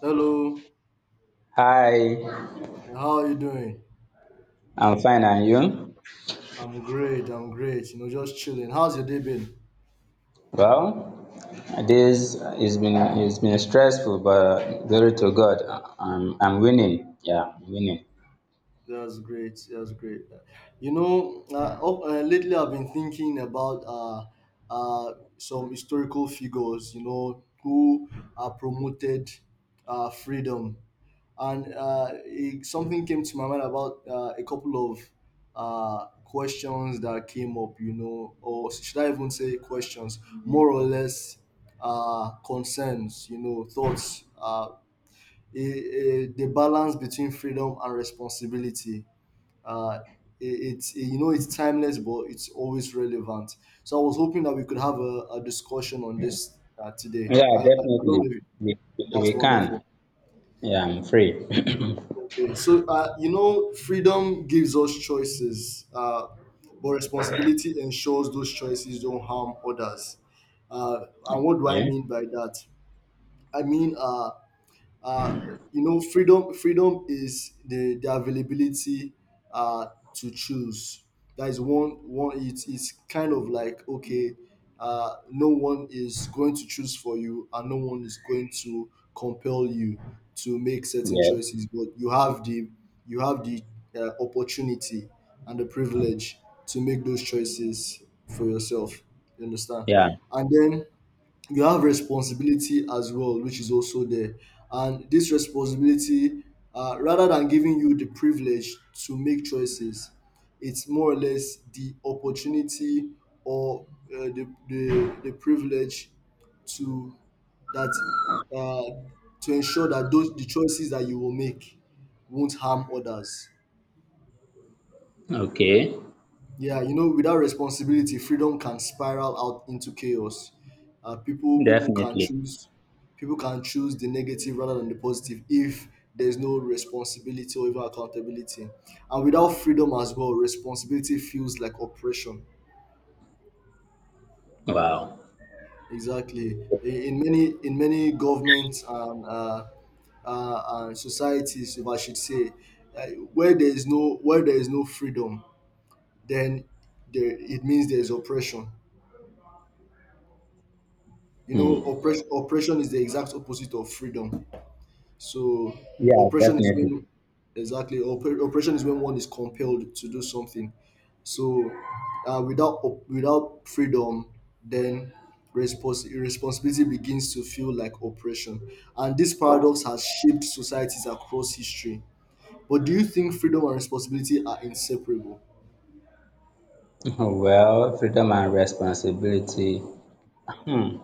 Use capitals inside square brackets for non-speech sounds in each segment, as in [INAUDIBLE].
Hello, Hi, how are you doing? I'm fine, and you? I'm great, I'm great. You know, just chilling. How's your day been? Well, this has been it's been stressful, but glory to God, I'm winning. Yeah, I'm winning. That's great. That's great. Lately I've been thinking about some historical figures, you know, who promoted freedom. And something came to my mind about a couple of questions that came up, you know, or should I even say questions, more or less concerns, you know, thoughts, the balance between freedom and responsibility. Uh, it- it's you know it's timeless, but it's always relevant. So I was hoping that we could have a discussion on this today. Yeah, I definitely, don't know if we, that's we can. wonderful. Yeah, I'm free. [COUGHS] [CLEARS THROAT] Okay, so you know, freedom gives us choices, but responsibility ensures those choices don't harm others. And what do I Yeah, mean by that? I mean uh, you know, freedom, freedom is the availability uh, to choose. That is one. It's kind of like, okay, no one is going to choose for you, and no one is going to compel you to make certain yeah, choices, but you have the, you have the opportunity and the privilege to make those choices for yourself. You understand? yeah. And then you have responsibility as well, which is also there. And this responsibility, rather than giving you the privilege to make choices, it's more or less the opportunity or the privilege to that uh, to ensure that those, the choices that you will make won't harm others. Okay, Yeah, you know, without responsibility, freedom can spiral out into chaos. People can definitely. choose, people can choose the negative rather than the positive if there's no responsibility or even accountability. And without freedom as well, responsibility feels like oppression. Wow. Exactly. In many governments and societies, if I should say, uh, where there is no freedom, then it means there is oppression. You Hmm. know, oppression is the exact opposite of freedom. So Yeah, oppression is definitely. when, exactly, oppression is when one is compelled to do something. So without without freedom, then responsibility begins to feel like oppression. And this paradox has shaped societies across history. But do you think freedom and responsibility are inseparable? [LAUGHS] Well, freedom and responsibility. Hmm.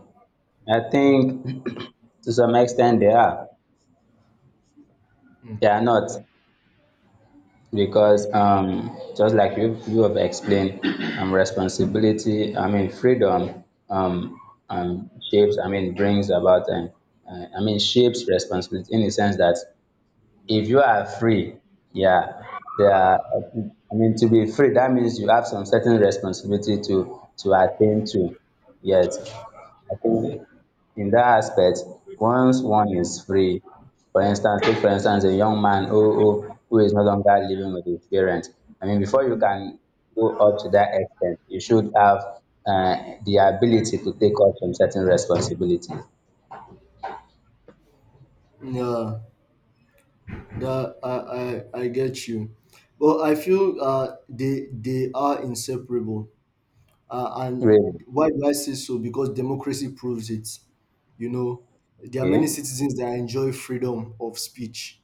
I think [COUGHS] [CLEARS THROAT] to some extent they are. They are not, because just like you have explained, responsibility, I mean freedom, um shapes, I mean brings about and I mean shapes responsibility in the sense that if you are free, yeah, there are, I mean to be free that means you have some certain responsibility to attend to. Yes, I think in that aspect, once one is free, for instance, take for instance a young man who is no longer living with his parents. I mean, before you can go up to that extent, you should have the ability to take up some certain responsibilities. Yeah. That I get you, but I feel they are inseparable. Really? And why do I say so? Because democracy proves it. You know, there are Okay. many citizens that enjoy freedom of speech,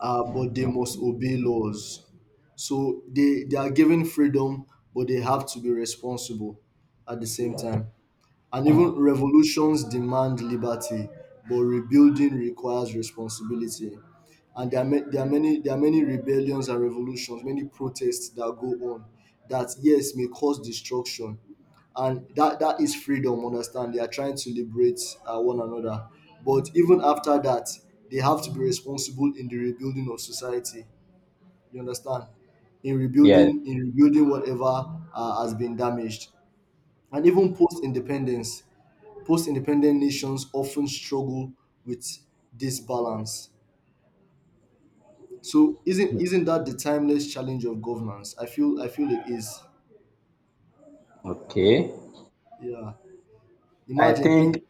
but they must obey laws. So they are given freedom, but they have to be responsible at the same time. And even revolutions demand liberty, but rebuilding requires responsibility. And there are, there are many rebellions and revolutions, many protests that go on that yes may cause destruction, and that is freedom. Understand? They are trying to liberate one another, but even after that, they have to be responsible in the rebuilding of society. You understand? In Yes. rebuilding in rebuilding whatever has been damaged, and even post independence, post-independent nations often struggle with this balance. So isn't that the timeless challenge of governance? I feel it is. Okay. Yeah. I Imagine think think,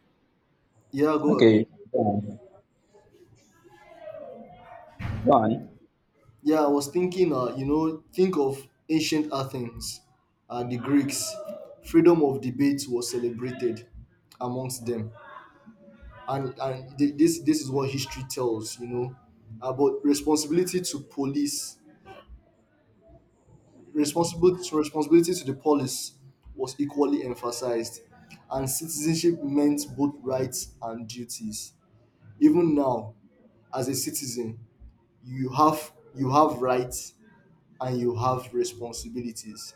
yeah, go ahead. okay, go on. Go on. Yeah, I was thinking you know, think of ancient Athens, the Greeks. Freedom of debate was celebrated amongst them. And this this is what history tells, you know. But responsibility to police responsibility so responsibility to the police was equally emphasized, and citizenship meant both rights and duties. Even now, as a citizen, you have rights and you have responsibilities.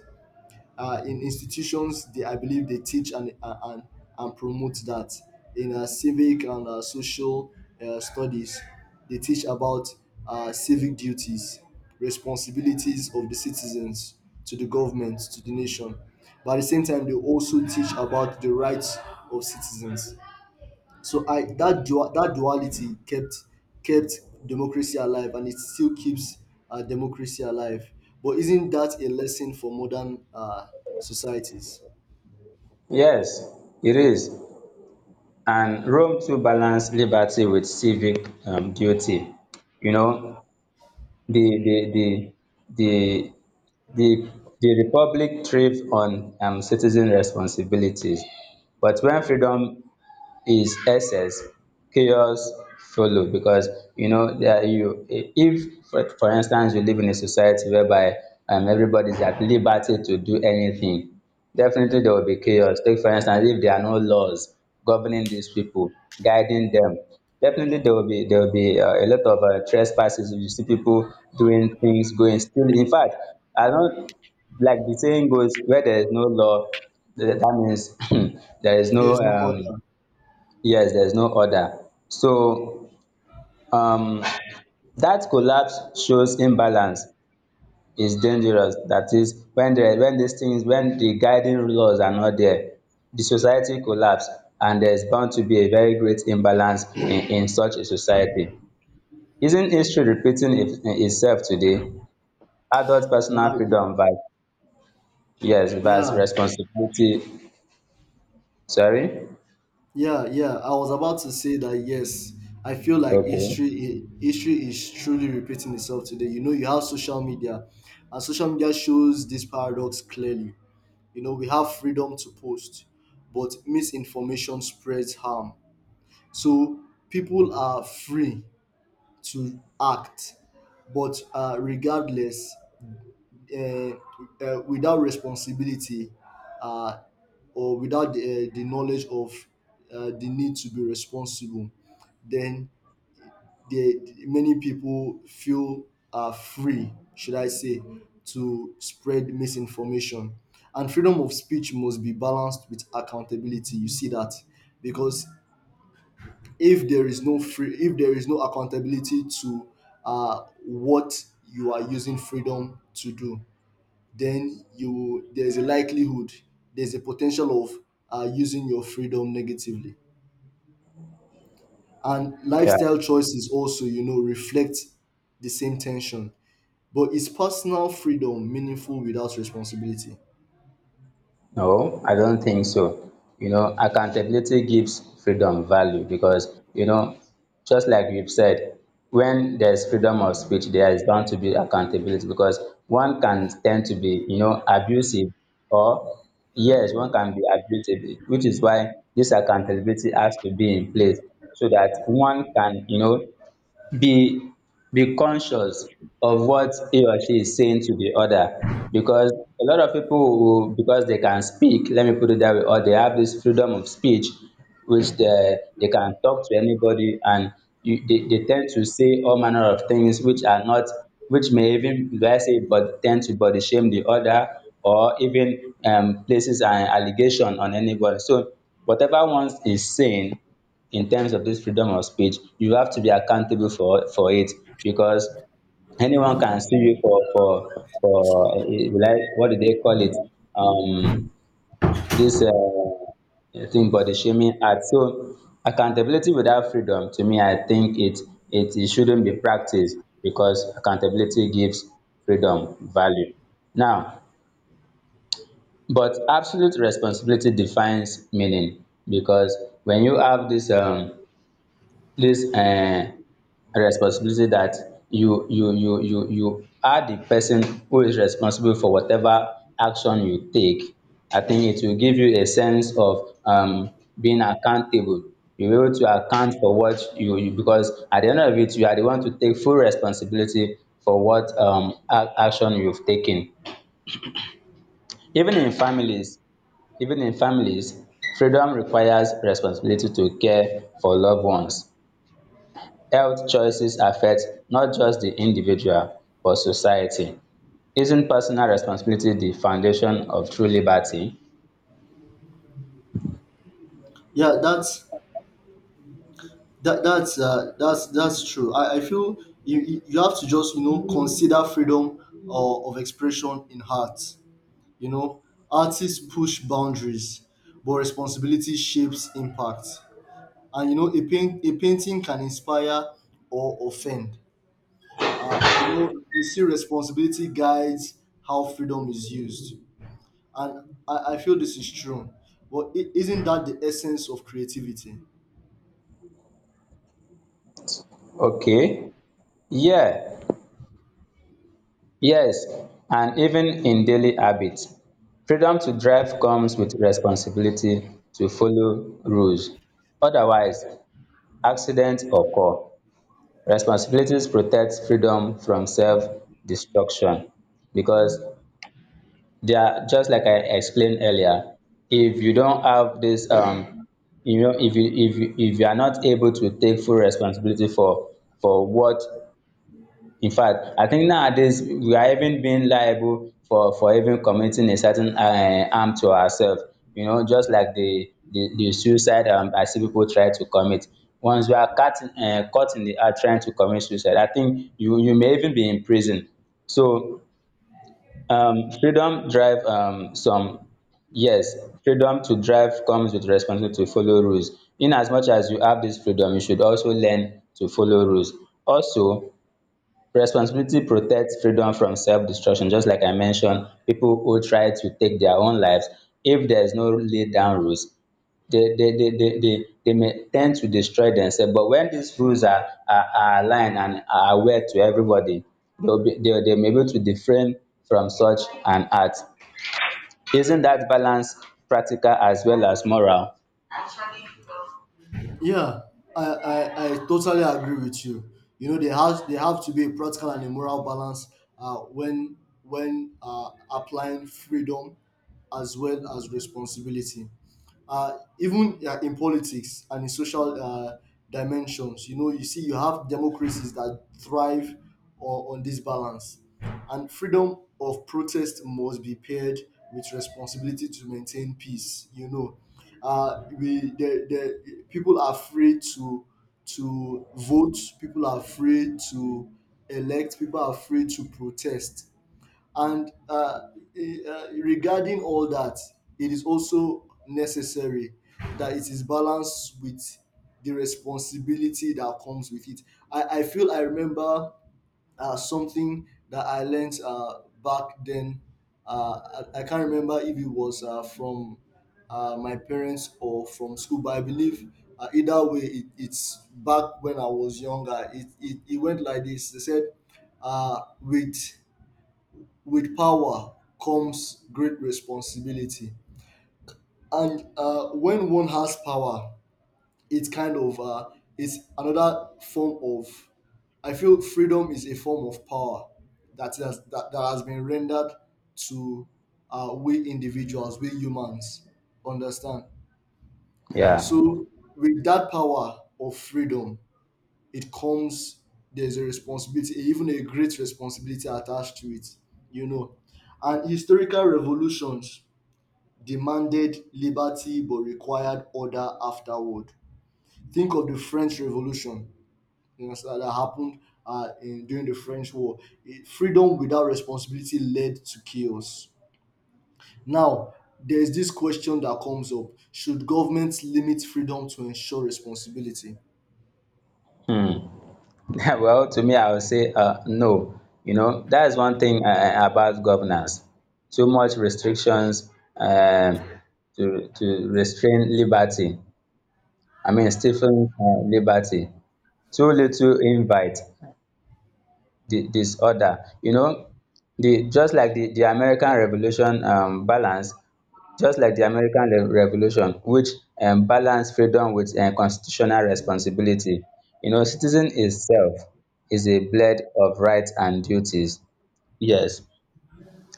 In institutions, they, I believe they teach and promote that. In civic and social studies, they teach about civic duties, responsibilities of the citizens to the government, to the nation, but at the same time they also teach about the rights of citizens. So I, that duality kept democracy alive, and it still keeps democracy alive. But isn't that a lesson for modern societies? Yes, it is. And Rome too balanced liberty with civic duty. You know, The the the the the the republic thrived on citizen responsibilities, but when freedom is excess, chaos follow, because you know that you if, for for instance, you live in a society whereby everybody's at liberty to do anything, definitely there will be chaos. Take for instance if there are no laws governing these people, guiding them, definitely there will be a lot of trespasses. You see people doing things, going still. In fact, I don't, like the saying goes, where there is no law, that means [LAUGHS] [CLEARS THROAT] there is no There's no order. yes, there is no order. So um that collapse shows imbalance is dangerous. That is when these things, when the guiding laws are not there, the society collapse, and there is bound to be a very great imbalance in such a society. Isn't history repeating itself today? Adult personal Uh, y- freedom vs — yes, vs yeah, responsibility. Sorry. yeah. I was about to say that. Yes, I feel like Okay, history, history is truly repeating itself today. You know, you have social media, and social media shows this paradox clearly. You know, we have freedom to post, but misinformation spreads harm. So people are free to act, but regardless, uh, without responsibility uh, or without the knowledge of the need to be responsible, then the, many people feel free, should I say, to spread misinformation. And freedom of speech must be balanced with accountability. You see that? Because if there is no accountability to what you are using freedom to do, then you there's a likelihood, there's a potential of using your freedom negatively. And yeah. lifestyle choices also, you know, reflect the same tension. But is personal freedom meaningful without responsibility? No, I don't think so. You know, accountability gives freedom value because, you know, just like you've said, when there's freedom of speech, there is bound to be accountability because one can tend to be, you know, abusive or — yes, one can be abusive, which is why this accountability has to be in place so that one can, you know, be be conscious of what he or she is saying to the other, because a lot of people will, because they can speak, let me put it that way, or they have this freedom of speech which they can talk to anybody and they tend to say all manner of things which are not, which may even, let's say, but tend to body shame the other or even places an allegation on anybody. So whatever one is saying in terms of this freedom of speech, you have to be accountable for it, because anyone can sue you for like, what do they call it? Um, this thing, body shaming act. So accountability without freedom, to me, I think it it shouldn't be practiced, because accountability gives freedom value. Now, but absolute responsibility defines meaning, because when you have this this um responsibility that you are the person who is responsible for whatever action you take, I think it will give you a sense of being accountable. You will be able to account for what you — because at the end of it, you are the one to take full responsibility for what ac action you've taken. Even in families, even in families freedom requires responsibility to care for loved ones. Health choices affect not just the individual but society. Isn't personal responsibility the foundation of true liberty? Yeah, that's that that's true. I feel you have to just, you know, consider freedom of expression in art. You know, artists push boundaries, but responsibility shapes impact. And you know, a painting can inspire or offend. You know, you see, responsibility guides how freedom is used, and I feel this is true. But is isn't that the essence of creativity? Okay. Yeah. Yes. And even in daily habits, freedom to drive comes with responsibility to follow rules, otherwise accidents occur. Responsibilities protect freedom from self destruction, because they are — just like I explained earlier, if you don't have this, you know, if you are not able to take full responsibility for what — in fact, I think nowadays we are even being liable for even committing a certain harm to ourselves. You know, just like the suicide, I see people try to commit. Once you are caught in, caught in the act trying to commit suicide, I think you may even be in prison. So freedom drive some yes, freedom to drive comes with responsibility to follow rules. In as much as you have this freedom, you should also learn to follow rules. Also, responsibility protects freedom from self-destruction. Just like I mentioned, people who try to take their own lives, if there is no laid down rules, they may tend to destroy themselves. But when these rules are, are aligned and are aware to everybody, they may be able to refrain from such an act. Isn't that balance practical as well as moral? Yeah, I totally agree with you. You know, there have to be a practical and a moral balance uh, when when applying freedom as well as responsibility, even in politics and in social dimensions. You know, you see, you have democracies that thrive on this balance. And freedom of protest must be paired with responsibility to maintain peace. You know, we the people are free to vote, people are free to elect, people are free to protest, and regarding all that, it is also necessary that it is balanced with the responsibility that comes with it. I feel, I remember something that I learned back then. I can't remember if it was from my parents or from school, but I believe either way, it's back when I was younger. It went like this. They said, uh, with with power comes great responsibility. And when one has power, it's kind of it's another form of. I feel freedom is a form of power that that has been rendered to we individuals, we humans. Understand? Yeah. So with that power of freedom, it comes there's a responsibility, even a great responsibility attached to it. You know, and historical revolutions demanded liberty but required order afterward. Think of the French Revolution. You know, so that happened during the French War. Freedom without responsibility led to chaos. Now, there is this question that comes up: should governments limit freedom to ensure responsibility? [LAUGHS] Well, to me, I would say no. You know, that is one thing about governance. Too much restrictions, to restrain liberty. I mean, stifling liberty. Too little invite di disorder. You know, the — just like the American revolution, balance — just like the American re revolution which balance freedom with constitutional responsibility. You know, citizen itself is a blend of rights and duties. Yes,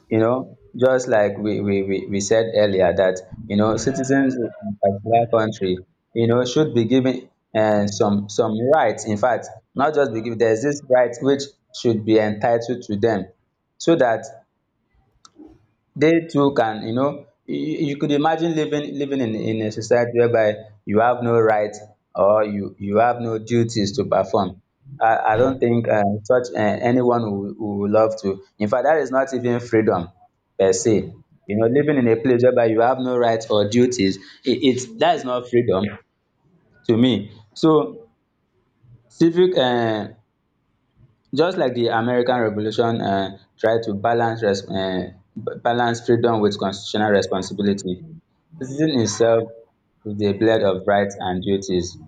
you know, just like we said earlier that, you know, citizens in a particular country, you know, should be given some rights. In fact, not just be given, there's this right which should be entitled to them, so that they too can, you know — you could imagine living in a society whereby you have no right or you have no duties to perform. I don't think such anyone who would love to. In fact, that is not even freedom per se. You know, living in a place whereby you have no rights or duties, it's — that is not freedom to me. So civic just like the American revolution tried to balance balance freedom with constitutional responsibility. Citizen himself is the blend of rights and duties.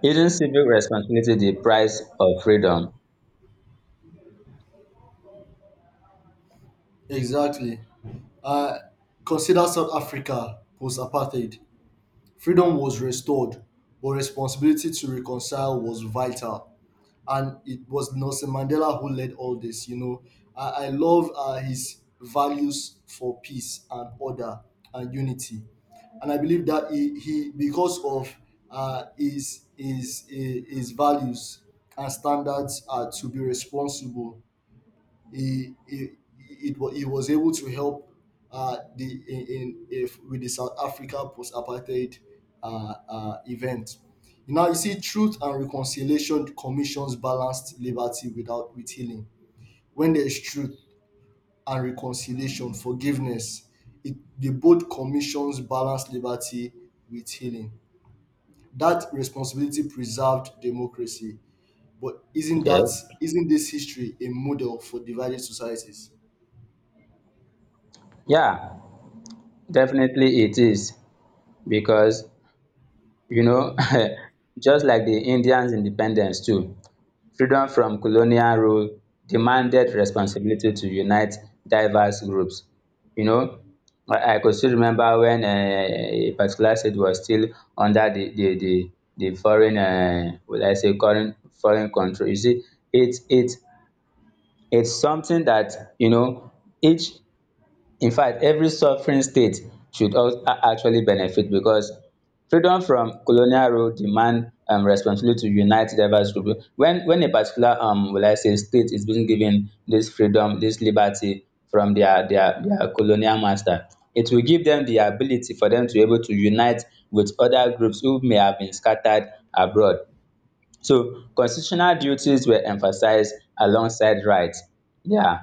Isn't civic responsibility the price of freedom? Exactly. Uh, consider South Africa post apartheid. Freedom was restored, but responsibility to reconcile was vital. And it was Nelson Mandela who led all this. You know, I love his values for peace and order and unity, and I believe that he, because of his values and standards to be responsible, he, he, he was able to help the in if with the South Africa post-apartheid event. Now you see, Truth and Reconciliation Commissions balanced liberty without with healing. When there is truth and reconciliation, forgiveness, the both commissions balance liberty with healing. That responsibility preserved democracy. But Yes. isn't this history a model for divided societies? Yeah, definitely it is. Because, you know, [LAUGHS] just like the Indians' independence too, freedom from colonial rule demanded responsibility to unite diverse groups. You know, I could still remember when a particular state was still under the foreign, will I say, foreign control. You see, it's it's it's something that, you know, each — in fact, every sovereign state should actually benefit, because freedom from colonial rule demand responsibility to unite diverse group. When a particular will I say, state is being given this freedom, this liberty from their colonial master, it will give them the ability for them to be able to unite with other groups who may have been scattered abroad. So constitutional duties were emphasized alongside rights. Yeah,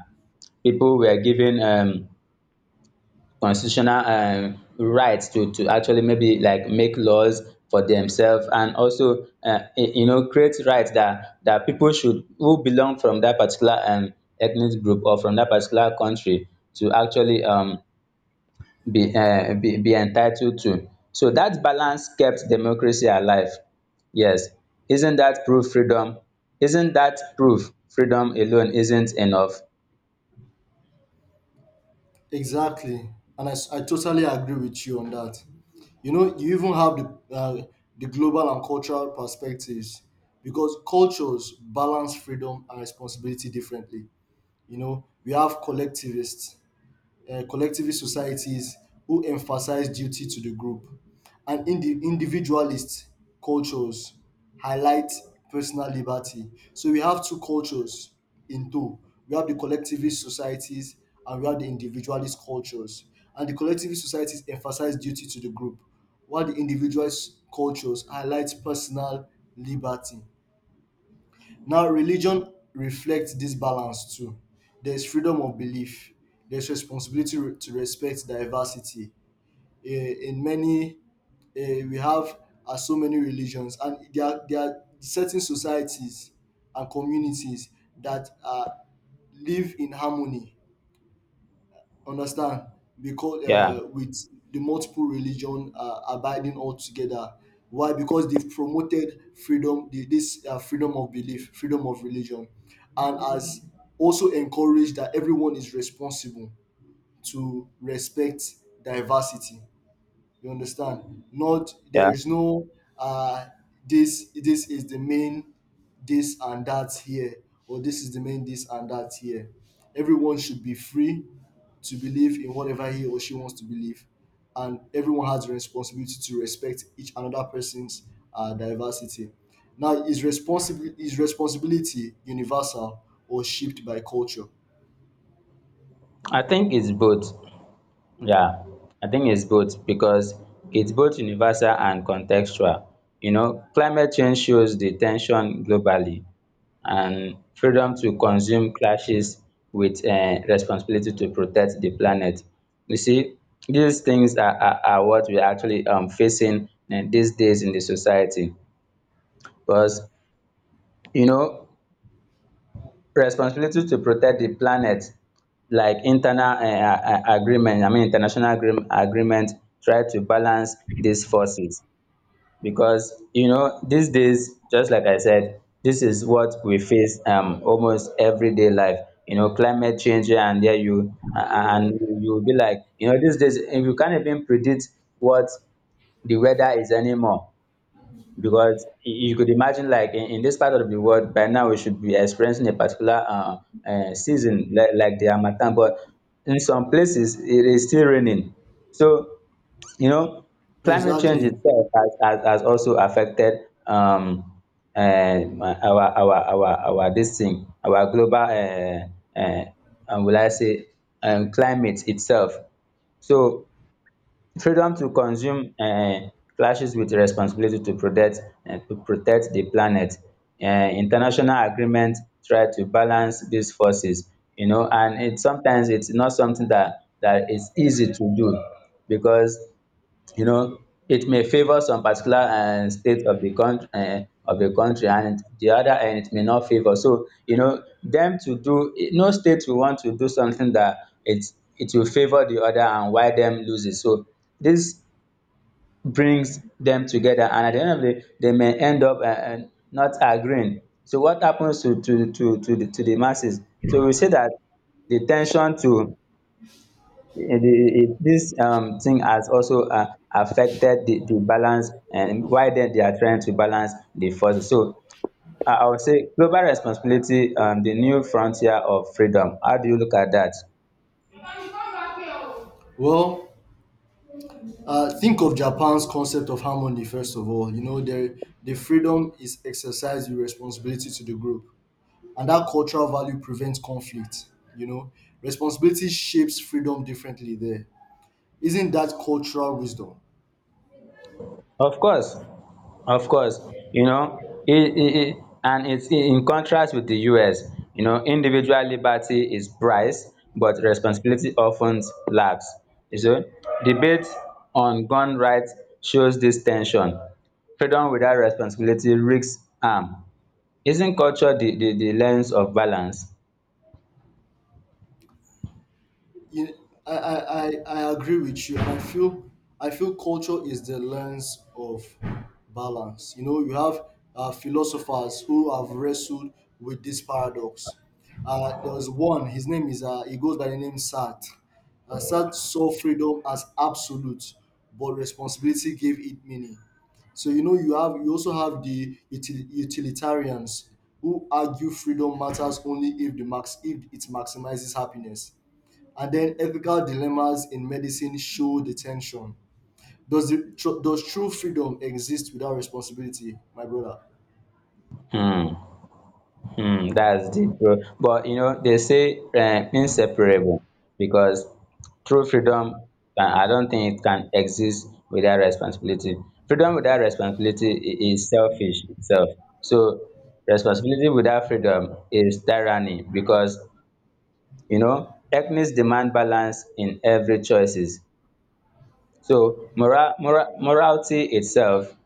people were given constitutional rights to actually, maybe, like, make laws for themselves, and also you know, create rights that people should — who belong from that particular ethnic group or from that particular country to actually be be entitled to. So that balance kept democracy alive. Yes. isn't that proof freedom isn't that proof freedom alone isn't enough? Exactly, and I totally agree with you on that. You know, you even have the global and cultural perspectives, because cultures balance freedom and responsibility differently. You know, we have collectivists, collectivist societies who emphasize duty to the group, and individualist cultures highlight personal liberty. So we have two cultures in two. We have the collectivist societies and we have the individualist cultures. And the collectivist societies emphasize duty to the group, while the individualist cultures highlight personal liberty. Now, religion reflects this balance too. There's freedom of belief. There's responsibility to respect diversity. In many, we have so many religions, and there are certain societies and communities that live in harmony. Understand? Because Yeah, with the multiple religion abiding all together, why? Because they've promoted freedom, this freedom of belief, freedom of religion, and has also encouraged that everyone is responsible to respect diversity. You understand? Not there yeah, is no uh this this is the main this and that here, or this is the main this and that here. Everyone should be free to believe in whatever he or she wants to believe, and everyone has the responsibility to respect each another person's diversity. Now, is responsibility universal or shaped by culture? I think it's both. Yeah, I think it's both because it's both universal and contextual. You know, climate change shows the tension globally, and freedom to consume clashes with responsibility to protect the planet. You see, these things are, are what we're actually, facing these days in the society. Because, you know, responsibility to protect the planet, like internal agreement, I mean international agreement, try to balance these forces. Because, you know, these days, just like I said, this is what we face almost everyday life. You know, climate change — yeah, and there you and you will be like, you know, these days, you can't even predict what the weather is anymore. Because you could imagine, like, in this part of the world by now we should be experiencing a particular season, like the Harmattan, but in some places it is still raining. So you know, climate change Exactly. itself has also affected um, uh, our our our our this thing, our global will I say, climate itself. So freedom to consume clashes with responsibility to protect, to protect di planet. International agreements try to balance these forces, and it sometimes its not something that is easy to do because, you know, it may favour some particular state of the country, of the country, and the other end it may not favour. So you know, them to do, no state will want to do something that it it will favour the other and why them lose it. So this brings them together, and at the end of the day they may end up not agreeing. So what happens to the to the masses? So we say that the ten sion to dis thing has also affected the balance, why dem they are trying to balance the forces. So I would say global responsibility, the new frontier of freedom. How do you look at that? Well, uh, think of Japan's concept of harmony, first of all. You know, the freedom is exercised with responsibility to the group. And that cultural value prevents conflict. You know, responsibility shapes freedom differently there. Isn't that cultural wisdom? Of course. Of course. And its in contrast wit di US. Individual liberty is prized, but responsibility of ten lacks, um debate on gun rights shows dis ten sion. Freedom without responsibility risks harm. Isn't culture di lens of balance? You, I, I, I I agree with you. I feel culture is the lens of balance. You know, you have philosophers who have wrestled with this paradox. There was one. His name is he goes by the name Sartre. Sartre saw freedom as absolute, but responsibility gave it meaning. So you know, you also have the utilitarians who argue freedom matters only if the max if it maximizes happiness. And then ethical dilemmas in medicine show the tension. Does does true freedom exist without responsibility, my brother? um that's deep, bro. But you know, they say inseparable, because true freedom, I don't think it can exist without responsibility. Freedom without responsibility is selfish itself. So responsibility without freedom is tyranny because, you know, ethnics demand balance in every choices. So morality itself,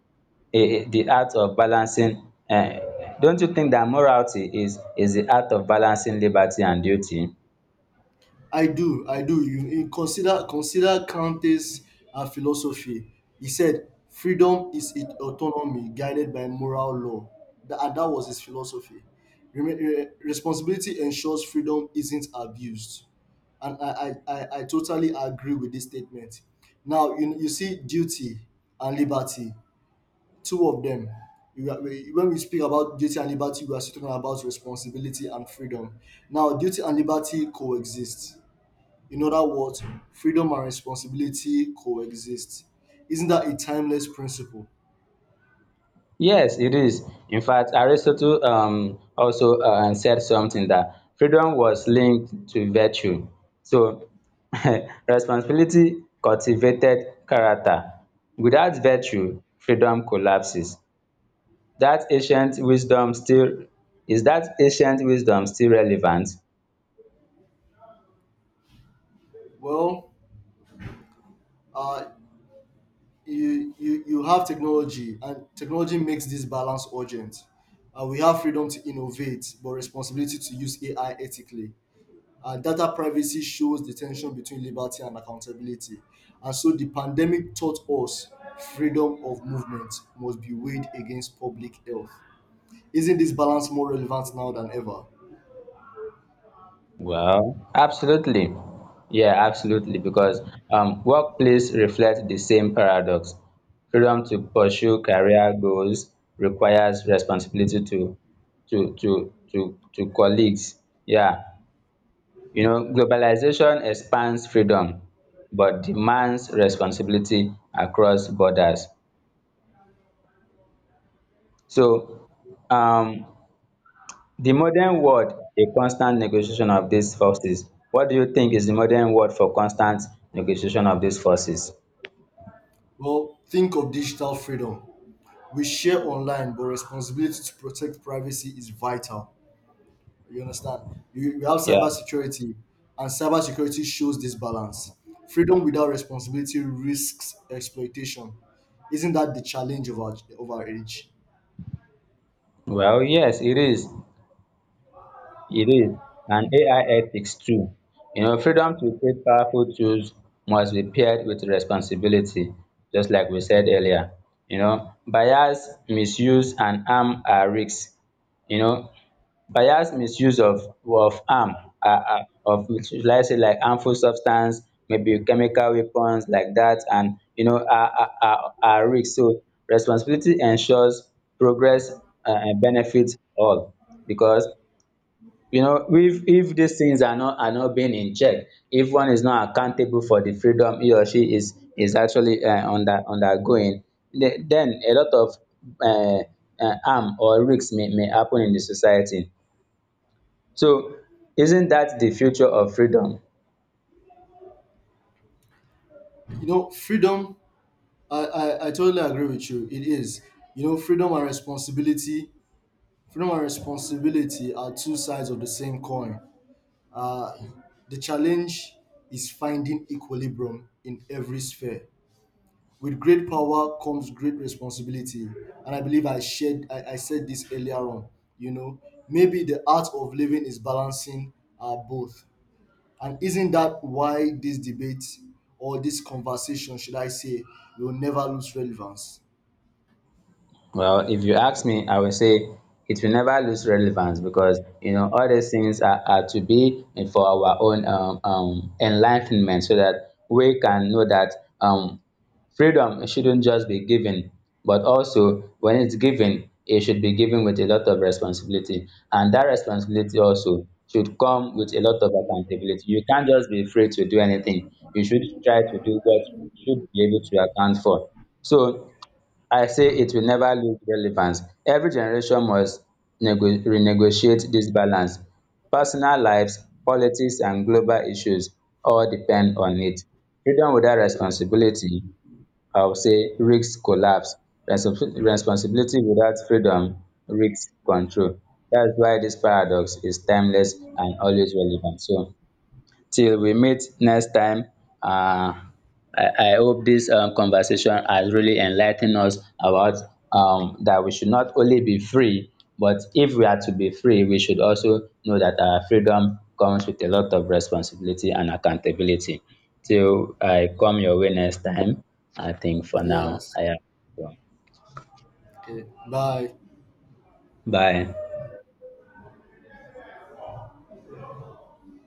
eh, the art of balancing, eh, don't you think that morality is the art of balancing liberty and duty? I do, I do. You consider, consider Kante's philosophy. He said, "Freedom is it autonomy guided by moral law." And that was his philosophy. Responsibility ensures freedom isn't abused, and I totally agree with this statement. Now, you see duty and liberty. Two of them. You are, when we speak about duty and liberty, we are still talking about responsibility and freedom. Now, duty and liberty coexist. In other words, freedom and responsibility coexist. Isn't that a timeless principle? Yes, it is. In fact, Aristotle also said something, that freedom was linked to virtue. So, [LAUGHS] responsibility cultivated character. Without virtue, freedom collapses. That ancient wisdom still Is that ancient wisdom still relevant? Well, uh, you have technology, and technology makes this balance urgent. We have freedom to innovate, but responsibility to use AI ethically. Data privacy shows the tension between liberty and accountability. And so the pandemic taught us freedom of movement must be weighed against public health. Isn't this balance more relevant now than ever? Well, absolutely. Yeah, absolutely. Because workplace reflect the same paradox. Freedom to pursue career goals requires responsibility to colleagues. Yeah. You know, globalization expands freedom, but demands responsibility across borders. So um the modern word, a constant negotiation of these forces. What do you think is the modern word for constant negotiation of these forces? Well, think of digital freedom. We share online, but responsibility to protect privacy is vital. You understand? You have Yeah. cybersecurity, and cybersecurity shows this balance. Freedom without responsibility risks exploitation. Isn't that the challenge of of our age? Well, yes it is. It is. And AI ethics too. You know, freedom to create powerful tools must be paired with responsibility, just like we said earlier. You know, bias, misuse and harm are risks. You know, bias, misuse of am, um of, should I say, like harmful substance, maybe chemical weapons like that. And you know, are risk. So responsibility ensures progress and benefits all. Because, you know, if these things are not being in check, if one is not accountable for the freedom he or she is actually undergoing, then a lot of um harm or risks may happen in the society. So isn't that the future of freedom? You know freedom, I totally agree with you, it is. You know, freedom and responsibility are two sides of the same coin. Uh, the challenge is finding equilibrium in every sphere. With great power comes great responsibility, and I believe I said this earlier on. You know, maybe the art of living is balancing both. And isn't that why this debate or this conversation, should I say, will never lose relevance? Well, if you ask me, I will say it will never lose relevance because, you know, all these things are to be for our own enlightenment, so that we can know that, um, freedom shouldn't just be given, but also when it's given, it should be given with a lot of responsibility, and that responsibility also should come with a lot of accountability. You can't just be free to do anything. You should try to do what you should be able to account for. So I say it will never lose relevance. Every generation must renegotiate this balance. Personal lives, politics and global issues all depend on it. Freedom without responsibility, I would say, risks collapse. Responsibility without freedom risks control. That is why this paradox is timeless and always relevant. So till we meet next time, um I hope this conversation has really enlightened us about, that we should not only be free, but if we are to be free we should also know that our freedom comes with a lot of responsibility and accountability. Till I come your way next time, I think for now Yes. I am done. Okay. Bye. Bye.